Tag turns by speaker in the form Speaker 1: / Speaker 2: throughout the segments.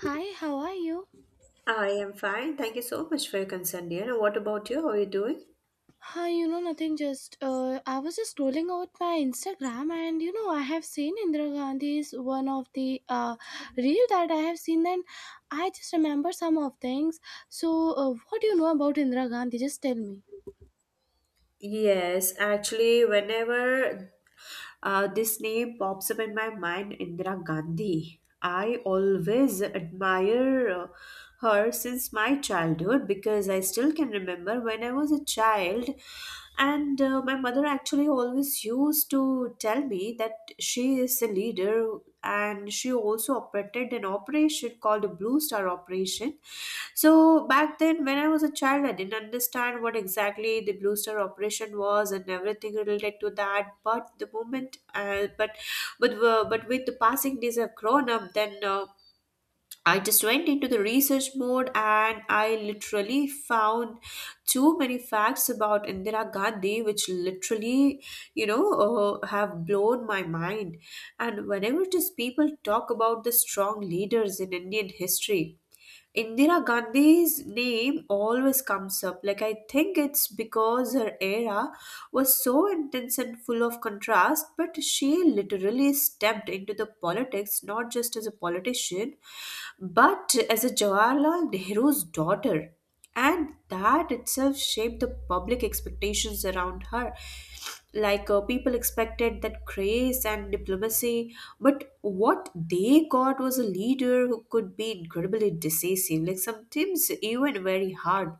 Speaker 1: Hi, how are you?
Speaker 2: I am fine. Thank you so much for your concern, dear. And what about you? How are you doing?
Speaker 1: Hi, you know nothing. Just I was just scrolling out my Instagram, and you know I have seen Indira Gandhi's one of the reel that I have seen. Then I just remember some of things. So, what do you know about Indira Gandhi? Just tell me.
Speaker 2: Yes, actually, whenever this name pops up in my mind, Indira Gandhi, I always admire her since my childhood because I still can remember when I was a child. And my mother actually always used to tell me that she is a leader, and she also operated an operation called a Blue Star Operation. So back then, when I was a child, I didn't understand what exactly the Blue Star operation was and everything related to that. But the moment, but with the passing days, I've grown up. Then I just went into the research mode, and I literally found too many facts about Indira Gandhi, which literally, have blown my mind. And whenever just people talk about the strong leaders in Indian history, Indira Gandhi's name always comes up. Like, I think it's because her era was so intense and full of contrast, but she literally stepped into the politics not just as a politician, but as a Jawaharlal Nehru's daughter, and that itself shaped the public expectations around her. Like people expected that grace and diplomacy, but what they got was a leader who could be incredibly decisive, like sometimes even very hard,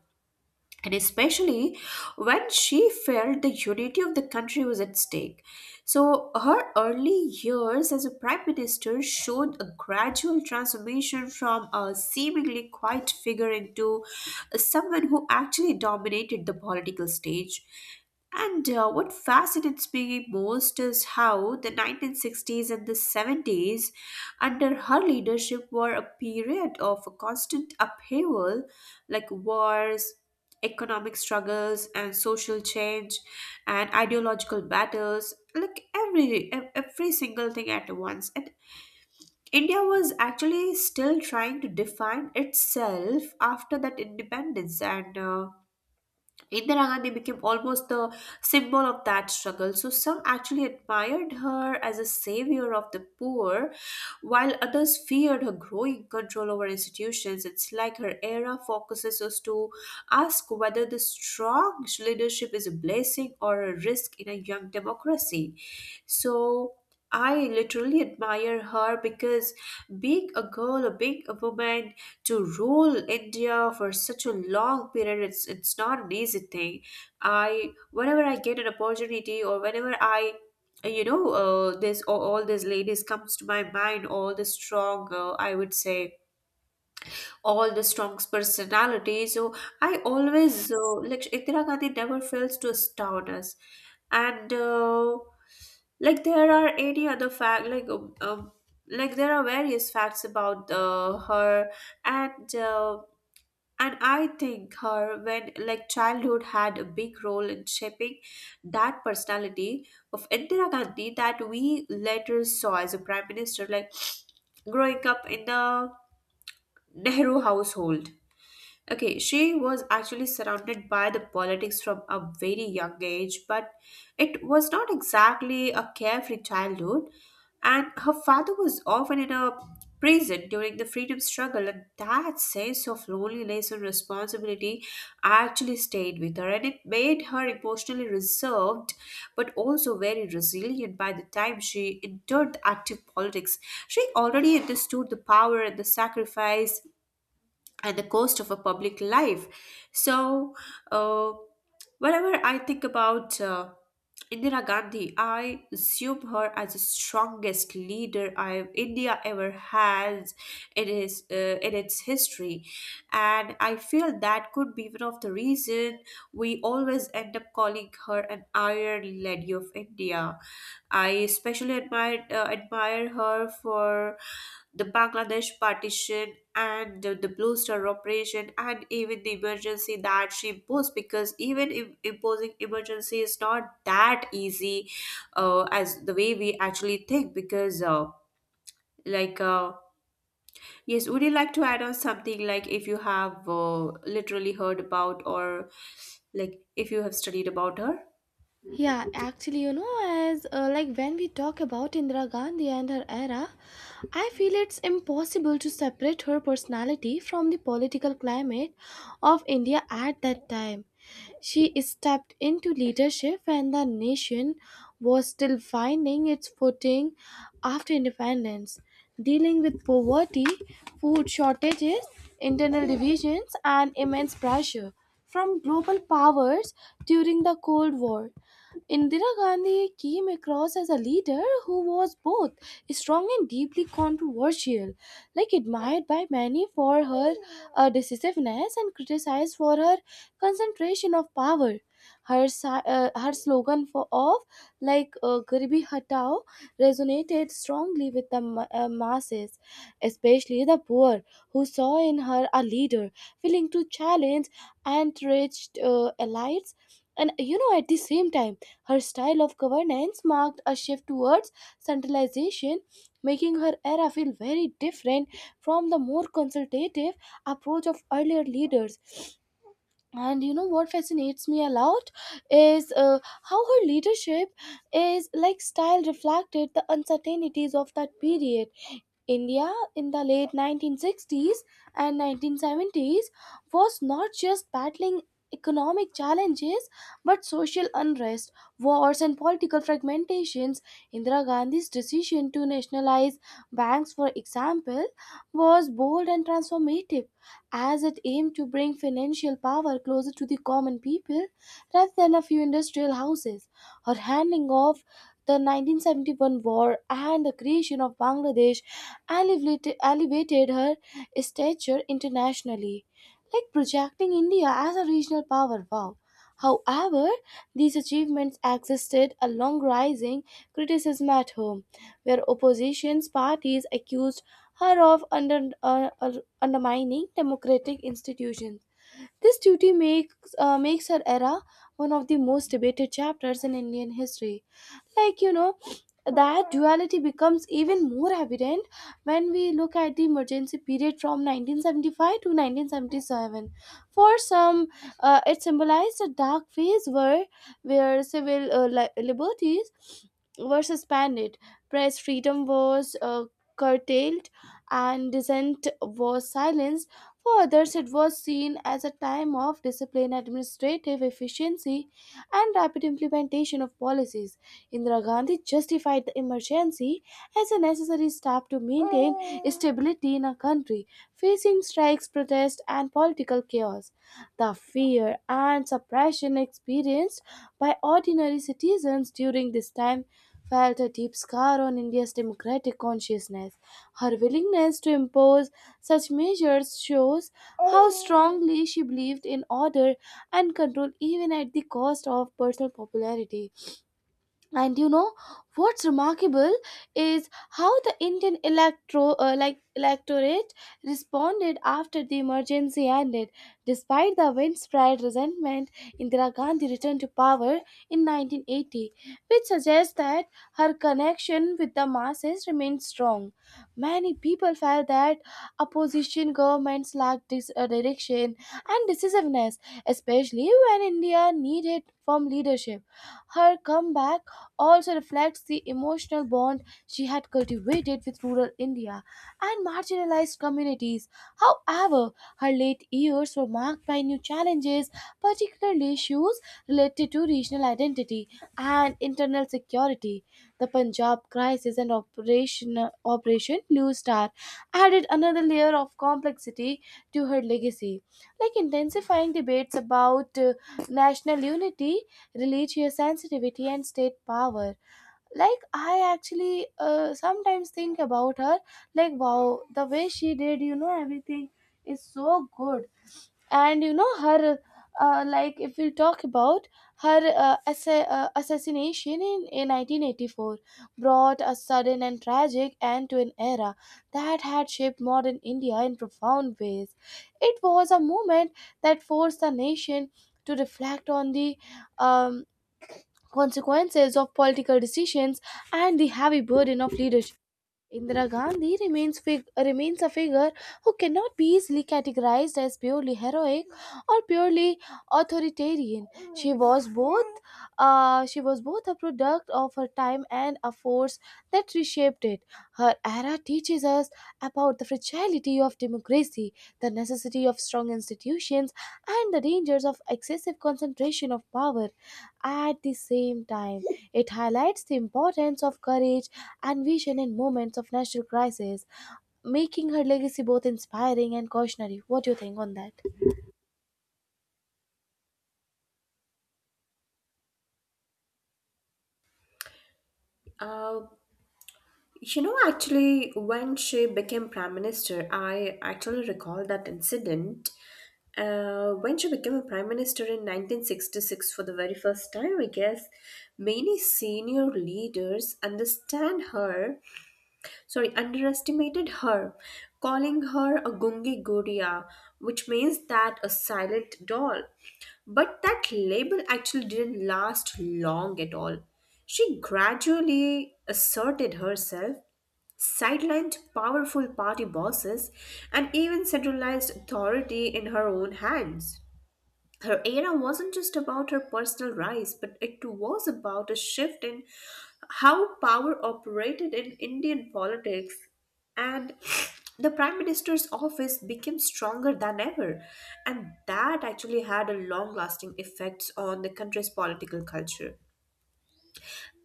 Speaker 2: and especially when she felt the unity of the country was at stake. So, her early years as a prime minister showed a gradual transformation from a seemingly quiet figure into someone who actually dominated the political stage. And what fascinates me most is how the 1960s and the 70s, under her leadership, were a period of constant upheaval, like wars, economic struggles and social change and ideological battles, like every single thing at once. And india was actually still trying to define itself after that independence, and Indira Gandhi became almost the symbol of that struggle. So some actually admired her as a savior of the poor, while others feared her growing control over institutions. It's like her era focuses us to ask whether the strong leadership is a blessing or a risk in a young democracy. So I literally admire her because, being a girl, or being a woman, to rule India for such a long period, it's not an easy thing. I whenever I get an opportunity or whenever I you know this all these ladies comes to my mind, all the strong I would say all the strong personality. So I always like indira gandhi never fails to astound us. And like there are any other fact like there are various facts about her. And uh, and I think her, when like childhood had a big role in shaping that personality of Indira Gandhi that we later saw as a prime minister, like growing up in the Nehru household. Okay, she was actually surrounded by the politics from a very young age, but it was not exactly a carefree childhood. And her father was often in a prison during the freedom struggle, and that sense of loneliness and responsibility actually stayed with her, and it made her emotionally reserved but also very resilient. By the time she entered the active politics, she already understood the power and the sacrifice at the cost of a public life. So, uh, whenever I think about Indira Gandhi, I assume her as the strongest leader I India ever has in its history, and I feel that could be one of the reason we always end up calling her an Iron Lady of India. I especially admire her for the Bangladesh partition and the Blue Star operation and even the emergency that she imposed, because even imposing emergency is not that easy as the way we actually think. Because like uh, yes, would you like to add on something, like if you have literally heard about or like if you have studied about
Speaker 1: Yeah, actually, you know, as like when we talk about Indira Gandhi and her era, I feel it's impossible to separate her personality from the political climate of India at that time. She stepped into leadership when the nation was still finding its footing after independence, dealing with poverty, food shortages, internal divisions, and immense pressure from global powers during the Cold War. Indira Gandhi came across as a leader who was both strong and deeply controversial, like admired by many for her decisiveness and criticized for her concentration of power. Her slogan for of like Garibi Hatao resonated strongly with the masses, especially the poor, who saw in her a leader willing to challenge entrenched elites. And you know, at the same time, her style of governance marked a shift towards centralization, making her era feel very different from the more consultative approach of earlier leaders. And you know what fascinates me a lot is how her leadership is like style reflected the uncertainties of that period. India in the late 1960s and 1970s was not just battling economic challenges but social unrest, wars, and political fragmentations. Indira Gandhi's decision to nationalize banks, for example, was bold and transformative as it aimed to bring financial power closer to the common people rather than a few industrial houses. Her handing off the 1971 war and the creation of Bangladesh elevated her stature internationally, like projecting India as a regional power. Wow. However, these achievements existed a long rising criticism at home, where opposition parties accused her of undermining democratic institutions. This duty makes her era one of the most debated chapters in Indian history. Like you know, that duality becomes even more evident when we look at the emergency period from 1975 to 1977. For some, it symbolized a dark phase where civil liberties were suspended, press freedom was curtailed, and dissent was silenced. For others, it was seen as a time of discipline, administrative efficiency, and rapid implementation of policies. Indira Gandhi justified the emergency as a necessary step to maintain stability in a country facing strikes, protests, and political chaos. The fear and suppression experienced by ordinary citizens during this time felt a deep scar on India's democratic consciousness. Her willingness to impose such measures shows how strongly she believed in order and control even at the cost of personal popularity. And you know what's remarkable is how the Indian electro like electorate responded after the emergency ended. Despite the widespread resentment, Indira Gandhi returned to power in 1980, which suggests that her connection with the masses remained strong. Many people felt that opposition governments lacked direction and decisiveness, especially when India needed firm leadership. Her comeback also reflects the emotional bond she had cultivated with rural India and marginalized communities. However, her late years were marked by new challenges, particularly issues related to regional identity and internal security. The Punjab crisis and Operation Blue Star added another layer of complexity to her legacy, like intensifying debates about national unity, religious sensitivity and state power. Like, I actually sometimes think about her like wow, the way she did you know everything is so good. And you know her, like if we talk about her assassination in 1984 brought a sudden and tragic end to an era that had shaped modern India in profound ways. It was a moment that forced the nation to reflect on the um, consequences of political decisions and the heavy burden of leadership. Indira Gandhi remains a figure who cannot be easily categorized as purely heroic or purely authoritarian. She was both she was both a product of her time and a force that reshaped it. Her era teaches us about the fragility of democracy, the necessity of strong institutions, and the dangers of excessive concentration of power at the same time. It highlights the importance of courage and vision in moments of national crisis, making her legacy both inspiring and cautionary. What do you think on that?
Speaker 2: her? You know, actually, when she became prime minister, I actually recall that incident. When she became a prime minister in 1966 for the very first time, I guess many senior leaders understand her, sorry, underestimated her, calling her a gungi guria, which means that a silent doll. But that label actually didn't last long at all. She gradually asserted herself, sidelined powerful party bosses, and even centralized authority in her own hands. Her era wasn't just about her personal rise, but it was about a shift in how power operated in Indian politics, and the Prime Minister's office became stronger than ever, and that actually had a long lasting effects on the country's political culture.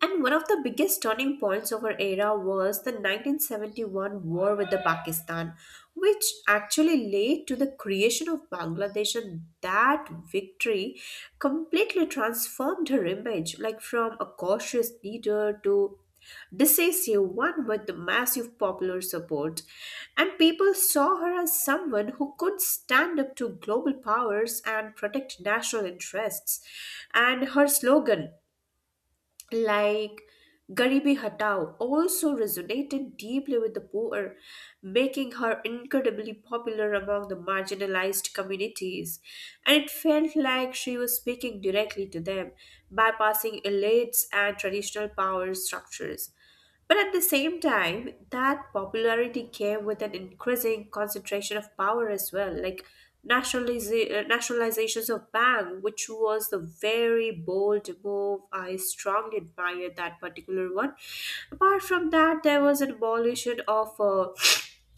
Speaker 2: And one of the biggest turning points of our era was the 1971 war with the Pakistan, which actually led to the creation of Bangladesh, and that victory completely transformed her image, like from a cautious leader to decisive one with the massive popular support. And people saw her as someone who could stand up to global powers and protect national interests. And her slogan, like Garibi Hatao, also resonated deeply with the poor, making her incredibly popular among the marginalized communities. And it felt like she was speaking directly to them, bypassing elites and traditional power structures. But at the same time, that popularity came with an increasing concentration of power as well, like nationalizations of bank, which was the very bold move. I strongly admire that particular one. Apart from that, there was an abolition of.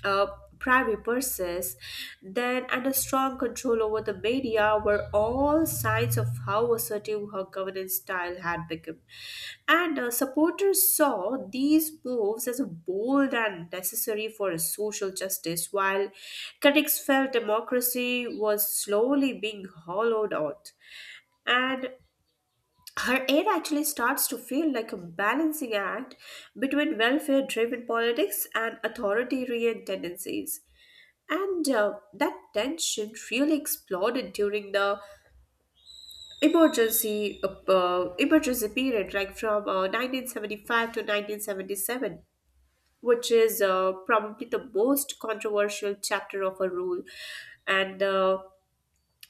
Speaker 2: uh, primary purses, then and a strong control over the media were all signs of how assertive her governance style had become. And supporters saw these moves as bold and necessary for a social justice, while critics felt democracy was slowly being hollowed out. And her aid actually starts to feel like a balancing act between welfare driven politics and authoritarian tendencies. And that tension really exploded during the emergency period, like from 1975 to 1977, which is probably the most controversial chapter of a rule. And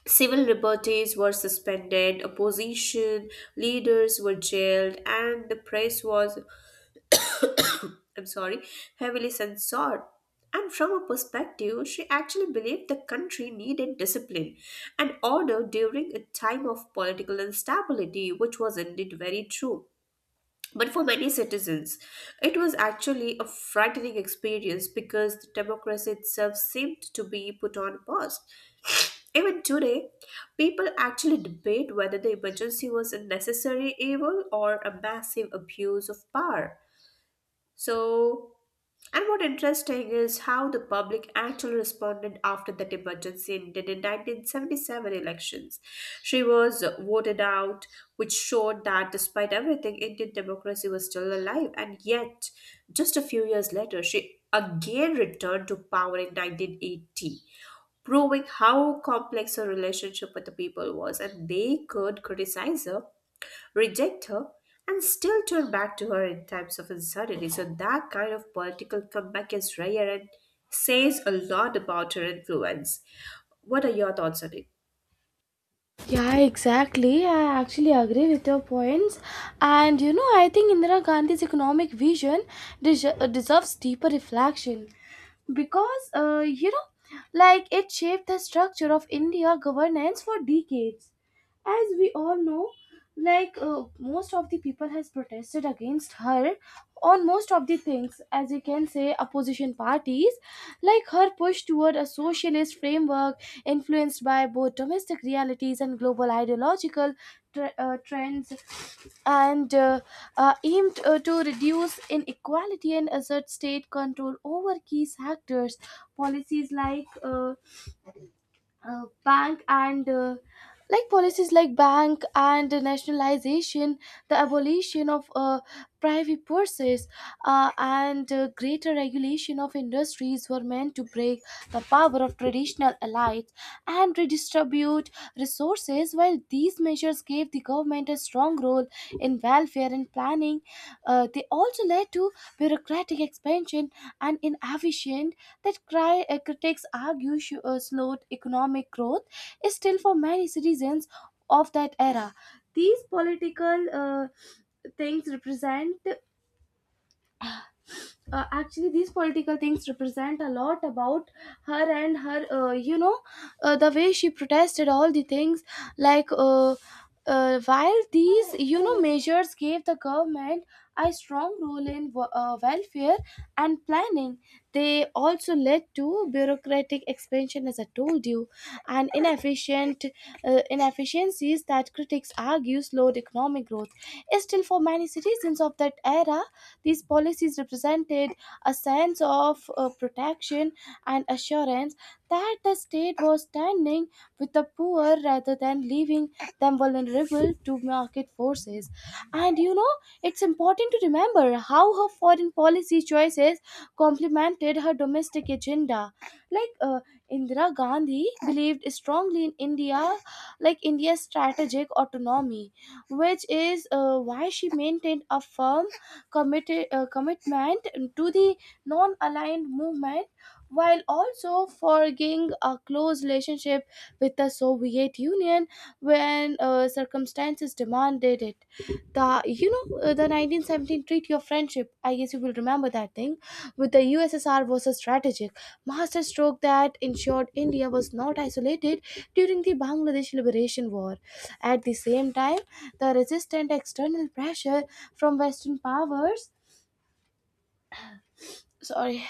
Speaker 2: civil liberties were suspended, opposition leaders were jailed, and the press was, I'm sorry, heavily censored. And from her perspective, she actually believed the country needed discipline and order during a time of political instability, which was indeed very true. But for many citizens, it was actually a frightening experience because the democracy itself seemed to be put on pause. Even today, people actually debate whether the emergency was a necessary evil or a massive abuse of power. So, and what interesting is how the public actually responded after that emergency ended in 1977 elections. She was voted out, which showed that despite everything, Indian democracy was still alive. And yet, just a few years later, she again returned to power in 1980, proving how complex her relationship with the people was. And they could criticize her, reject her, and still turn back to her in times of uncertainty. So that kind of political comeback is rare and says a lot about her influence. What are your thoughts on it?
Speaker 1: Yeah, exactly. I actually agree with your points. And you know, I think Indira Gandhi's economic vision deserves deeper reflection because, you know, like it shaped the structure of India governance for decades. As we all know, like most of the people has protested against her on most of the things, as you can say, opposition parties. Like her push toward a socialist framework influenced by both domestic realities and global ideological tr trends, and aimed to reduce inequality and assert state control over key sectors. Policies like bank and like policies like bank and nationalization, the abolition of private purses, and greater regulation of industries were meant to break the power of traditional elites and redistribute resources. While these measures gave the government a strong role in welfare and planning, they also led to bureaucratic expansion and inefficient that critics argue slowed economic growth is still for many citizens of that era. These political uh, things represent these political things represent a lot about her and her the way she protested all the things. Like uh, uh, while these you know measures gave the government a strong role in welfare and planning, they also led to bureaucratic expansion, as I told you, and inefficient inefficiencies that critics argue slowed economic growth. Still, for many citizens of that era, these policies represented a sense of protection and assurance that the state was standing with the poor rather than leaving them vulnerable to market forces. And you know, it's important to remember how her foreign policy choices complemented her domestic agenda. Like uh, Indira Gandhi believed strongly in India's strategic autonomy, which is why she maintained a firm commitment to the non aligned movement while also forging a close relationship with the Soviet Union when circumstances demanded it. The you know The 1917 Treaty of Friendship, I guess you will remember that thing, with the USSR was a strategic masterstroke that ensured India was not isolated during the Bangladesh Liberation War. At the same time, the resistant external pressure from Western powers, sorry,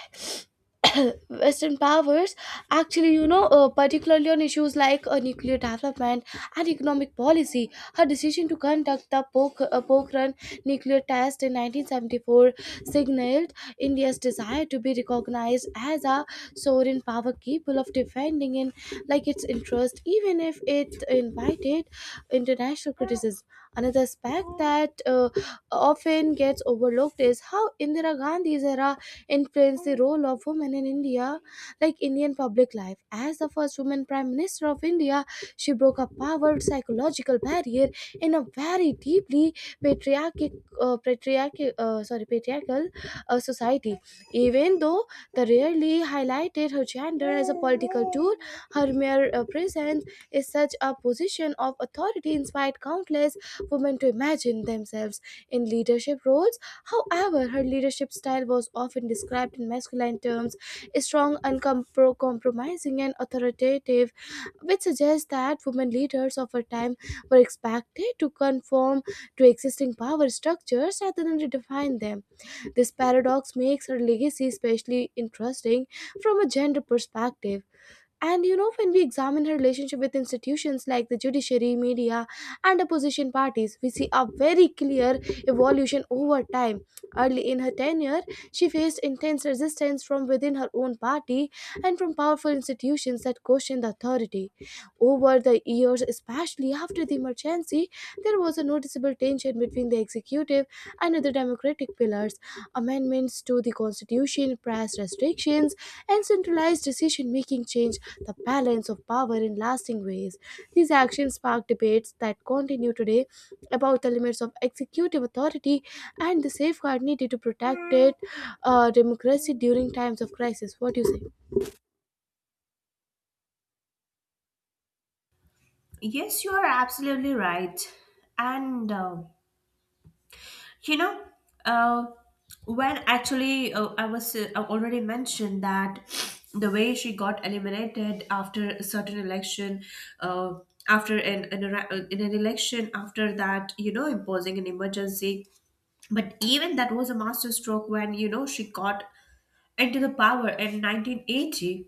Speaker 1: western powers, actually, you know, particularly on issues like nuclear development and economic policy, her decision to conduct the pokhran nuclear test in 1974 signaled India's desire to be recognized as a sovereign power capable of defending in like its interest even if it invited international criticism. Another aspect that often gets overlooked is how Indira Gandhi's era influenced the role of women in Indian public life. As the first woman prime minister of India, she broke a powered psychological barrier in a very deeply patriarchic, patriarchal society. Even though they rarely highlighted her gender as a political tool, her mere presence is such a position of authority inspired countless women to imagine themselves in leadership roles. However, her leadership style was often described in masculine terms: strong, uncompromising, and authoritative, which suggests that women leaders of her time were expected to conform to existing power structures rather than redefine them. This paradox makes her legacy especially interesting from a gender perspective. And you know, when we examine her relationship with institutions like the judiciary, media, and opposition parties, we see a very clear evolution over time. Early in her tenure, she faced intense resistance from within her own party and from powerful institutions that questioned the authority. Over the years, especially after the emergency, there was a noticeable tension between the executive and other democratic pillars. Amendments to the constitution, press restrictions, and centralized decision making change the balance of power in lasting ways. These actions sparked debates that continue today about the limits of executive authority and the safeguard needed to protect it, democracy during times of crisis. What do you say?
Speaker 2: Yes, you are absolutely right. And you know, uh, when actually I already mentioned that the way she got eliminated after a certain election, uh, after an in an election after that, you know, imposing an emergency, but even that was a masterstroke when you know she got into the power in 1980.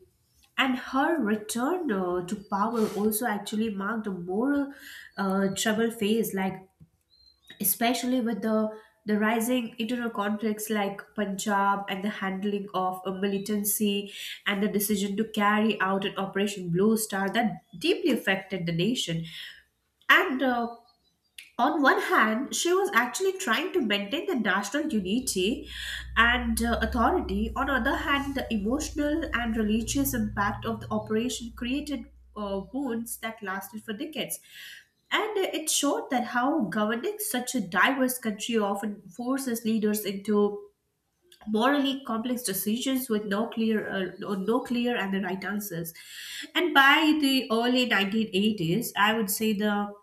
Speaker 2: And her return to power also actually marked a moral trouble phase, like especially with the rising internal conflicts like Punjab and the handling of a militancy and the decision to carry out an Operation Blue Star that deeply affected the nation. And on one hand, she was actually trying to maintain the national unity and authority. On the other hand, the emotional and religious impact of the operation created wounds that lasted for decades. And it showed that how governing such a diverse country often forces leaders into morally complex decisions with no clear or no clear and the right answers. And by the early 1980s, I would say the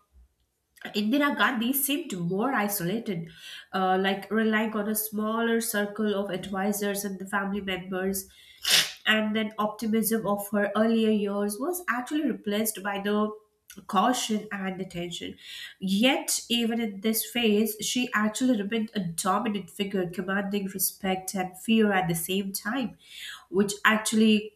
Speaker 2: Indira Gandhi seemed more isolated, like relying on a smaller circle of advisors and the family members. And then optimism of her earlier years was actually replaced by the caution and attention. Yet, even in this phase, she actually remained a dominant figure, commanding respect and fear at the same time, which actually,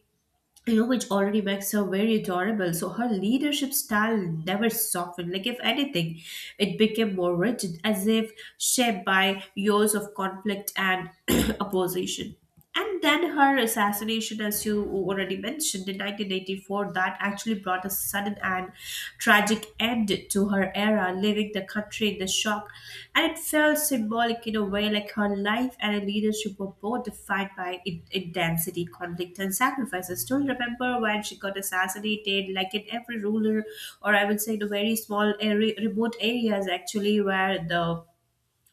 Speaker 2: you know, which already makes her very adorable. So her leadership style never softened. Like, if anything, it became more rigid, as if shaped by years of conflict and opposition. And then her assassination, as you already mentioned, in 1984, that actually brought a sudden and tragic end to her era, leaving the country in the shock. And it felt symbolic in a way, like her life and her leadership were both defined by intensity, conflict, and sacrifice. I still remember when she got assassinated, like in every ruler, or I would say the very small area, remote areas actually, where the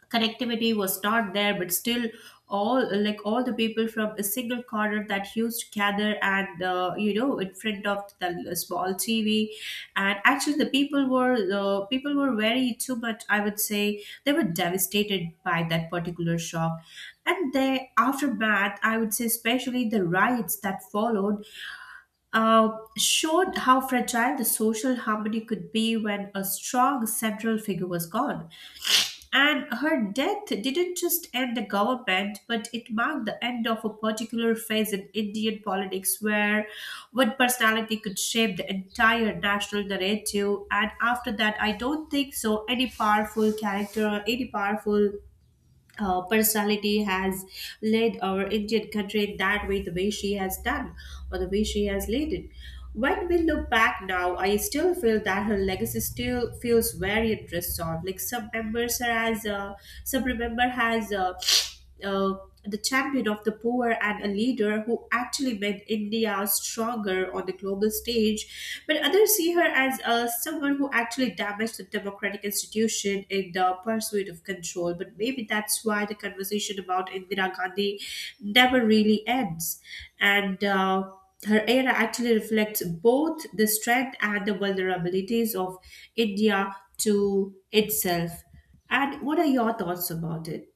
Speaker 2: connectivity was not there but still all the people from a single corner that used to gather and in front of the small tv, and actually the people were very too much, I would say they were devastated by that particular shock. And the aftermath, I would say especially the riots that followed, uh, showed how fragile the social harmony could be when a strong central figure was gone. And her death didn't just end the government, but it marked the end of a particular phase in Indian politics where one personality could shape the entire national narrative. And after that, I don't think so any powerful character or any powerful personality has led our Indian country that way, the way she has done, or the way she has led it. When we look back now, I still feel that her legacy still feels very unresolved. Like some members are as some remember has uh, the champion of the poor and a leader who actually made India stronger on the global stage. But others see her as someone who actually damaged the democratic institution in the pursuit of control. But maybe that's why the conversation about Indira Gandhi never really ends. And Her era actually reflects both the strength and the vulnerabilities of India to itself. And what are your thoughts about it?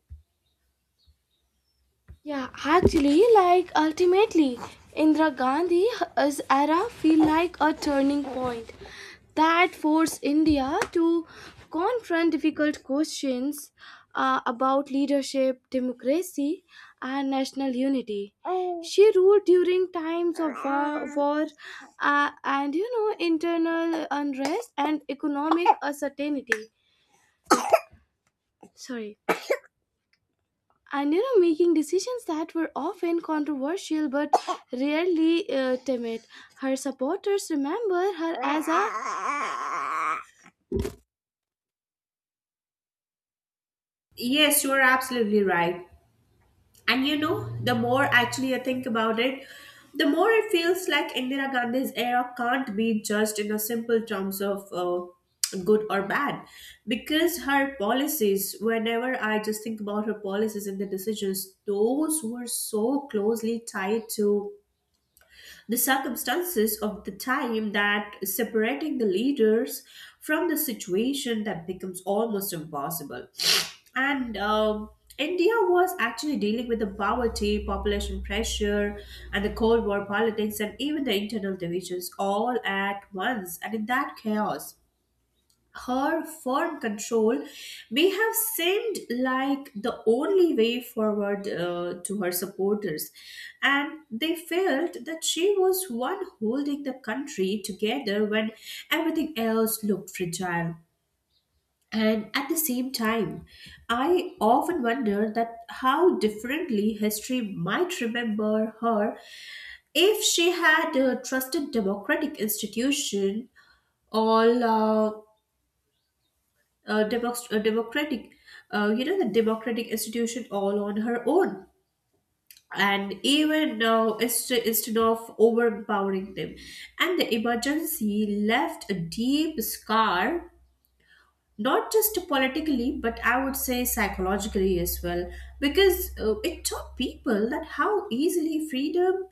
Speaker 1: Yeah, actually, like ultimately, Indira Gandhi's era feel like a turning point that forced India to confront difficult questions about leadership, democracy, and national unity. She ruled during times of war, and you know internal unrest and economic uncertainty. Sorry. And you know making decisions that were often controversial but rarely timid, her supporters remember her as a—
Speaker 2: Yes, you are absolutely right. And you know, the more actually I think about it, the more it feels like Indira Gandhi's era can't be judged in a simple terms of good or bad. Because her policies, whenever I just think about her policies and the decisions, those were so closely tied to the circumstances of the time that separating the leaders from the situation that becomes almost impossible. And India was actually dealing with the poverty population pressure and the cold war politics and even the internal divisions all at once, and in that chaos her firm control may have seemed like the only way forward, to her supporters, and they felt that she was one holding the country together when everything else looked fragile. And at the same time, I often wonder that how differently history might remember her if she had trusted democratic institution all democ- democratic, you know, the democratic institution all on her own. And even now, instead of overpowering them. And the emergency left a deep scar, not just politically but I would say psychologically as well, because it taught people that how easily freedom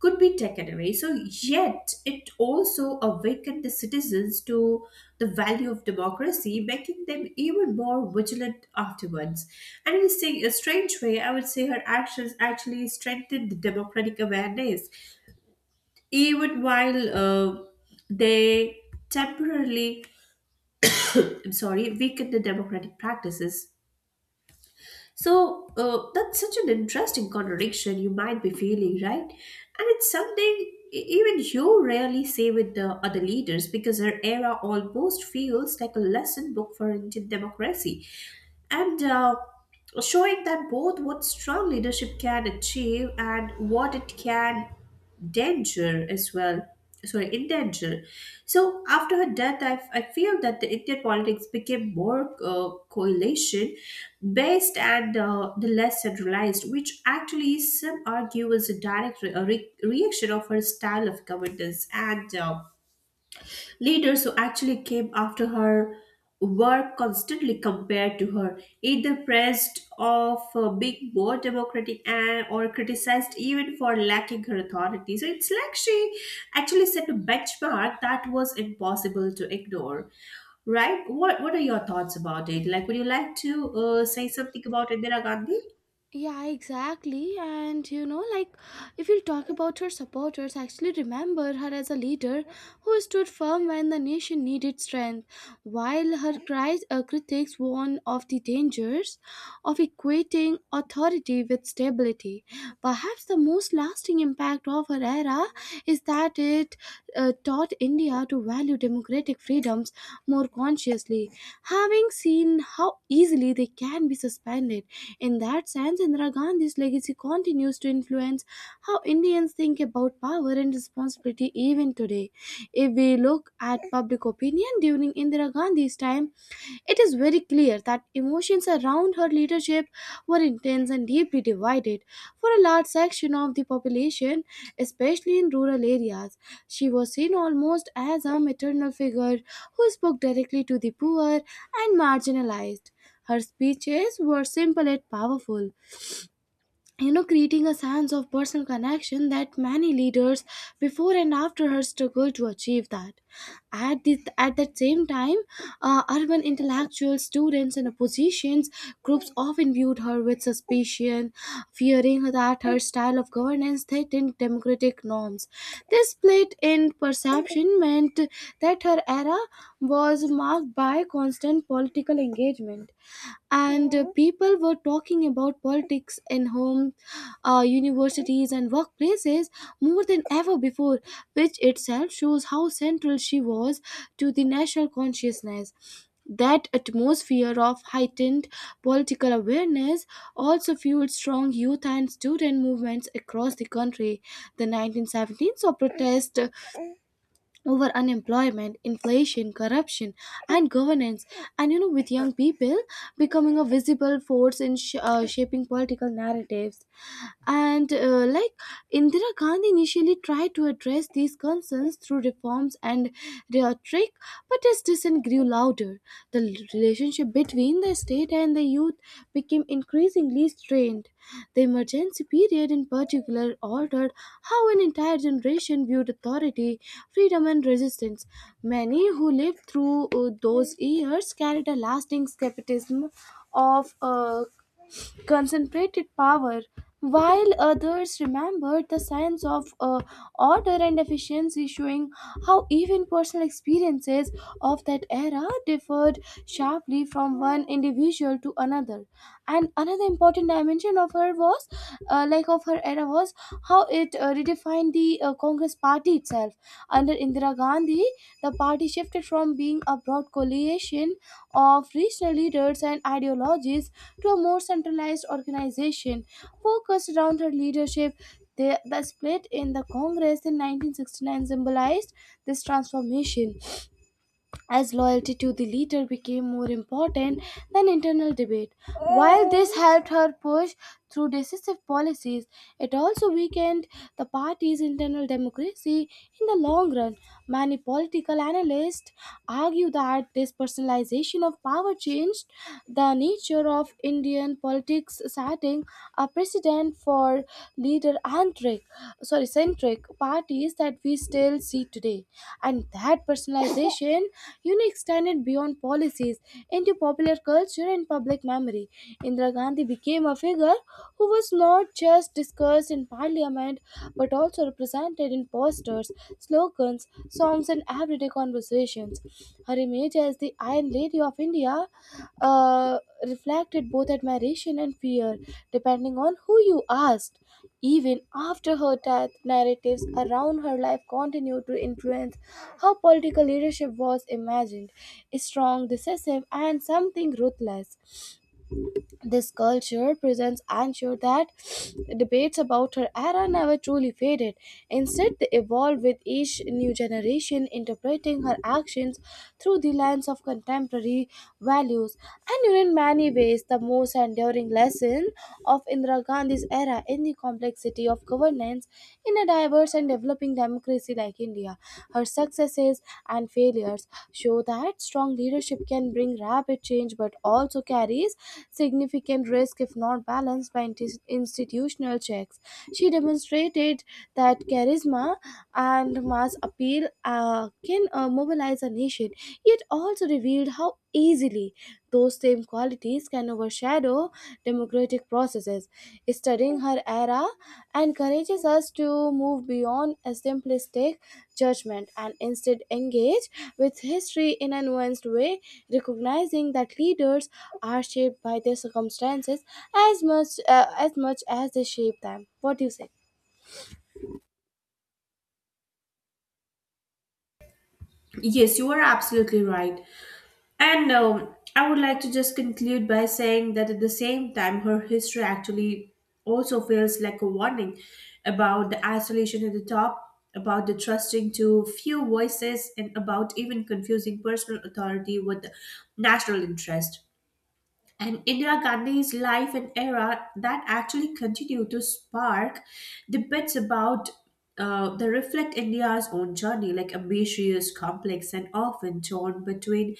Speaker 2: could be taken away. So yet it also awakened the citizens to the value of democracy, making them even more vigilant afterwards. And in a a strange way, I would say her actions actually strengthened the democratic awareness even while they temporarily, I'm sorry, weaken the democratic practices. So that's such an interesting contradiction you might be feeling, right? And it's something even you rarely say with the other leaders, because her era almost feels like a lesson book for Indian democracy, and showing that both what strong leadership can achieve and what it can danger as well, sorry endanger. So after her death, I feel that the indian politics became more coalition based, and the less centralized, which actually some argue was a direct reaction of her style of governance. And Leaders who actually came after her were constantly compared to her, either praised of being more democratic, and or criticized even for lacking her authority. So it's like she actually set a benchmark that was impossible to ignore, right? What are your thoughts about it? Like, would you like to say something about Indira Gandhi?
Speaker 1: Yeah, exactly. And you know, like if you talk about her supporters, I actually remember her as a leader who stood firm when the nation needed strength, while critics warn of the dangers of equating authority with stability. Perhaps the most lasting impact of her era is that it taught India to value democratic freedoms more consciously, having seen how easily they can be suspended. In that sense, Indira Gandhi's legacy continues to influence how Indians think about power and responsibility even today. If we look at public opinion during Indira Gandhi's time, it is very clear that emotions around her leadership were intense and deeply divided. For a large section of the population, especially in rural areas, she was seen almost as a maternal figure who spoke directly to the poor and marginalized. Her speeches were simple yet powerful, creating a sense of personal connection that many leaders before and after her struggle to achieve that. at the at that same time, urban intellectuals, students, and oppositions groups often viewed her with suspicion, fearing that her style of governance threatened democratic norms. This split in perception meant that her era was marked by constant political engagement, and people were talking about politics in home, universities, and workplaces more than ever before, which itself shows how central she was to the national consciousness. That atmosphere of heightened political awareness also fueled strong youth and student movements across the country. The 1917 saw protest over unemployment, inflation, corruption, and governance. With young people becoming a visible force in shaping political narratives. And like Indira Gandhi initially tried to address these concerns through reforms and rhetoric, but his dissent grew louder. The l- relationship between the state and the youth became increasingly strained. The emergency period, in particular, altered how an entire generation viewed authority, freedom, and resistance. Many who lived through those years carried a lasting skepticism of concentrated power, while others remembered the science of order and efficiency, showing how even personal experiences of that era differed sharply from one individual to another. And another important dimension of her was, like of her era was how it redefined the Congress party itself. Under Indira Gandhi, the party shifted from being a broad coalition of regional leaders and ideologies to a more centralized organization focused around her leadership. The split in the Congress in 1969 symbolized this transformation, as loyalty to the leader became more important than internal debate. While this helped her push through decisive policies, it also weakened the party's internal democracy in the long run. Many political analysts argue that this personalization of power changed the nature of Indian politics, setting a precedent for leader-centric, sorry, centric parties that we still see today. And that personalization, extended beyond policies into popular culture and public memory. Indira Gandhi became a figure who was not just discussed in parliament but also represented in posters, slogans, songs, and everyday conversations. Her image as the Iron Lady of India uh, reflected both admiration and fear, depending on who you asked. Even after her death, narratives around her life continued to influence how political leadership was imagined: strong, decisive, and something ruthless. This culture presents ensured that debates about her era never truly faded. Instead, they evolved with each new generation, interpreting her actions through the lens of contemporary values. And in many ways, the most enduring lesson of Indira Gandhi's era in the complexity of governance in a diverse and developing democracy like India. Her successes and failures show that strong leadership can bring rapid change but also carries significant risk if not balanced by institutional checks. She demonstrated that charisma and mass appeal can mobilize a nation, yet also revealed how easily those same qualities can overshadow democratic processes. Studying her era encourages us to move beyond a simplistic judgment and instead engage with history in a nuanced way, recognizing that leaders are shaped by their circumstances as much as they shape them. What do you say?
Speaker 2: Yes, you are absolutely right. And I would like to just conclude by saying that at the same time, her history actually also feels like a warning about the isolation at the top, about the trusting to few voices, and about even confusing personal authority with national interest. And Indira Gandhi's life and era that actually continue to spark debates about the reflect India's own journey, like ambitious, complex, and often torn between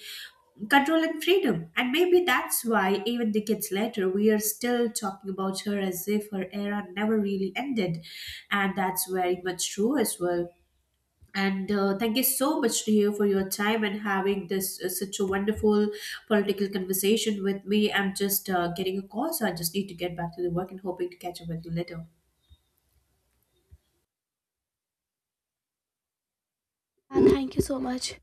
Speaker 2: control and freedom. And maybe that's why, even decades later, we are still talking about her as if her era never really ended. And that's very much true as well. And Thank you so much to you for your time and having this such a wonderful political conversation with me. I'm just getting a call, so I just need to get back to the work and hoping to catch up with you later.
Speaker 1: Thank you so much.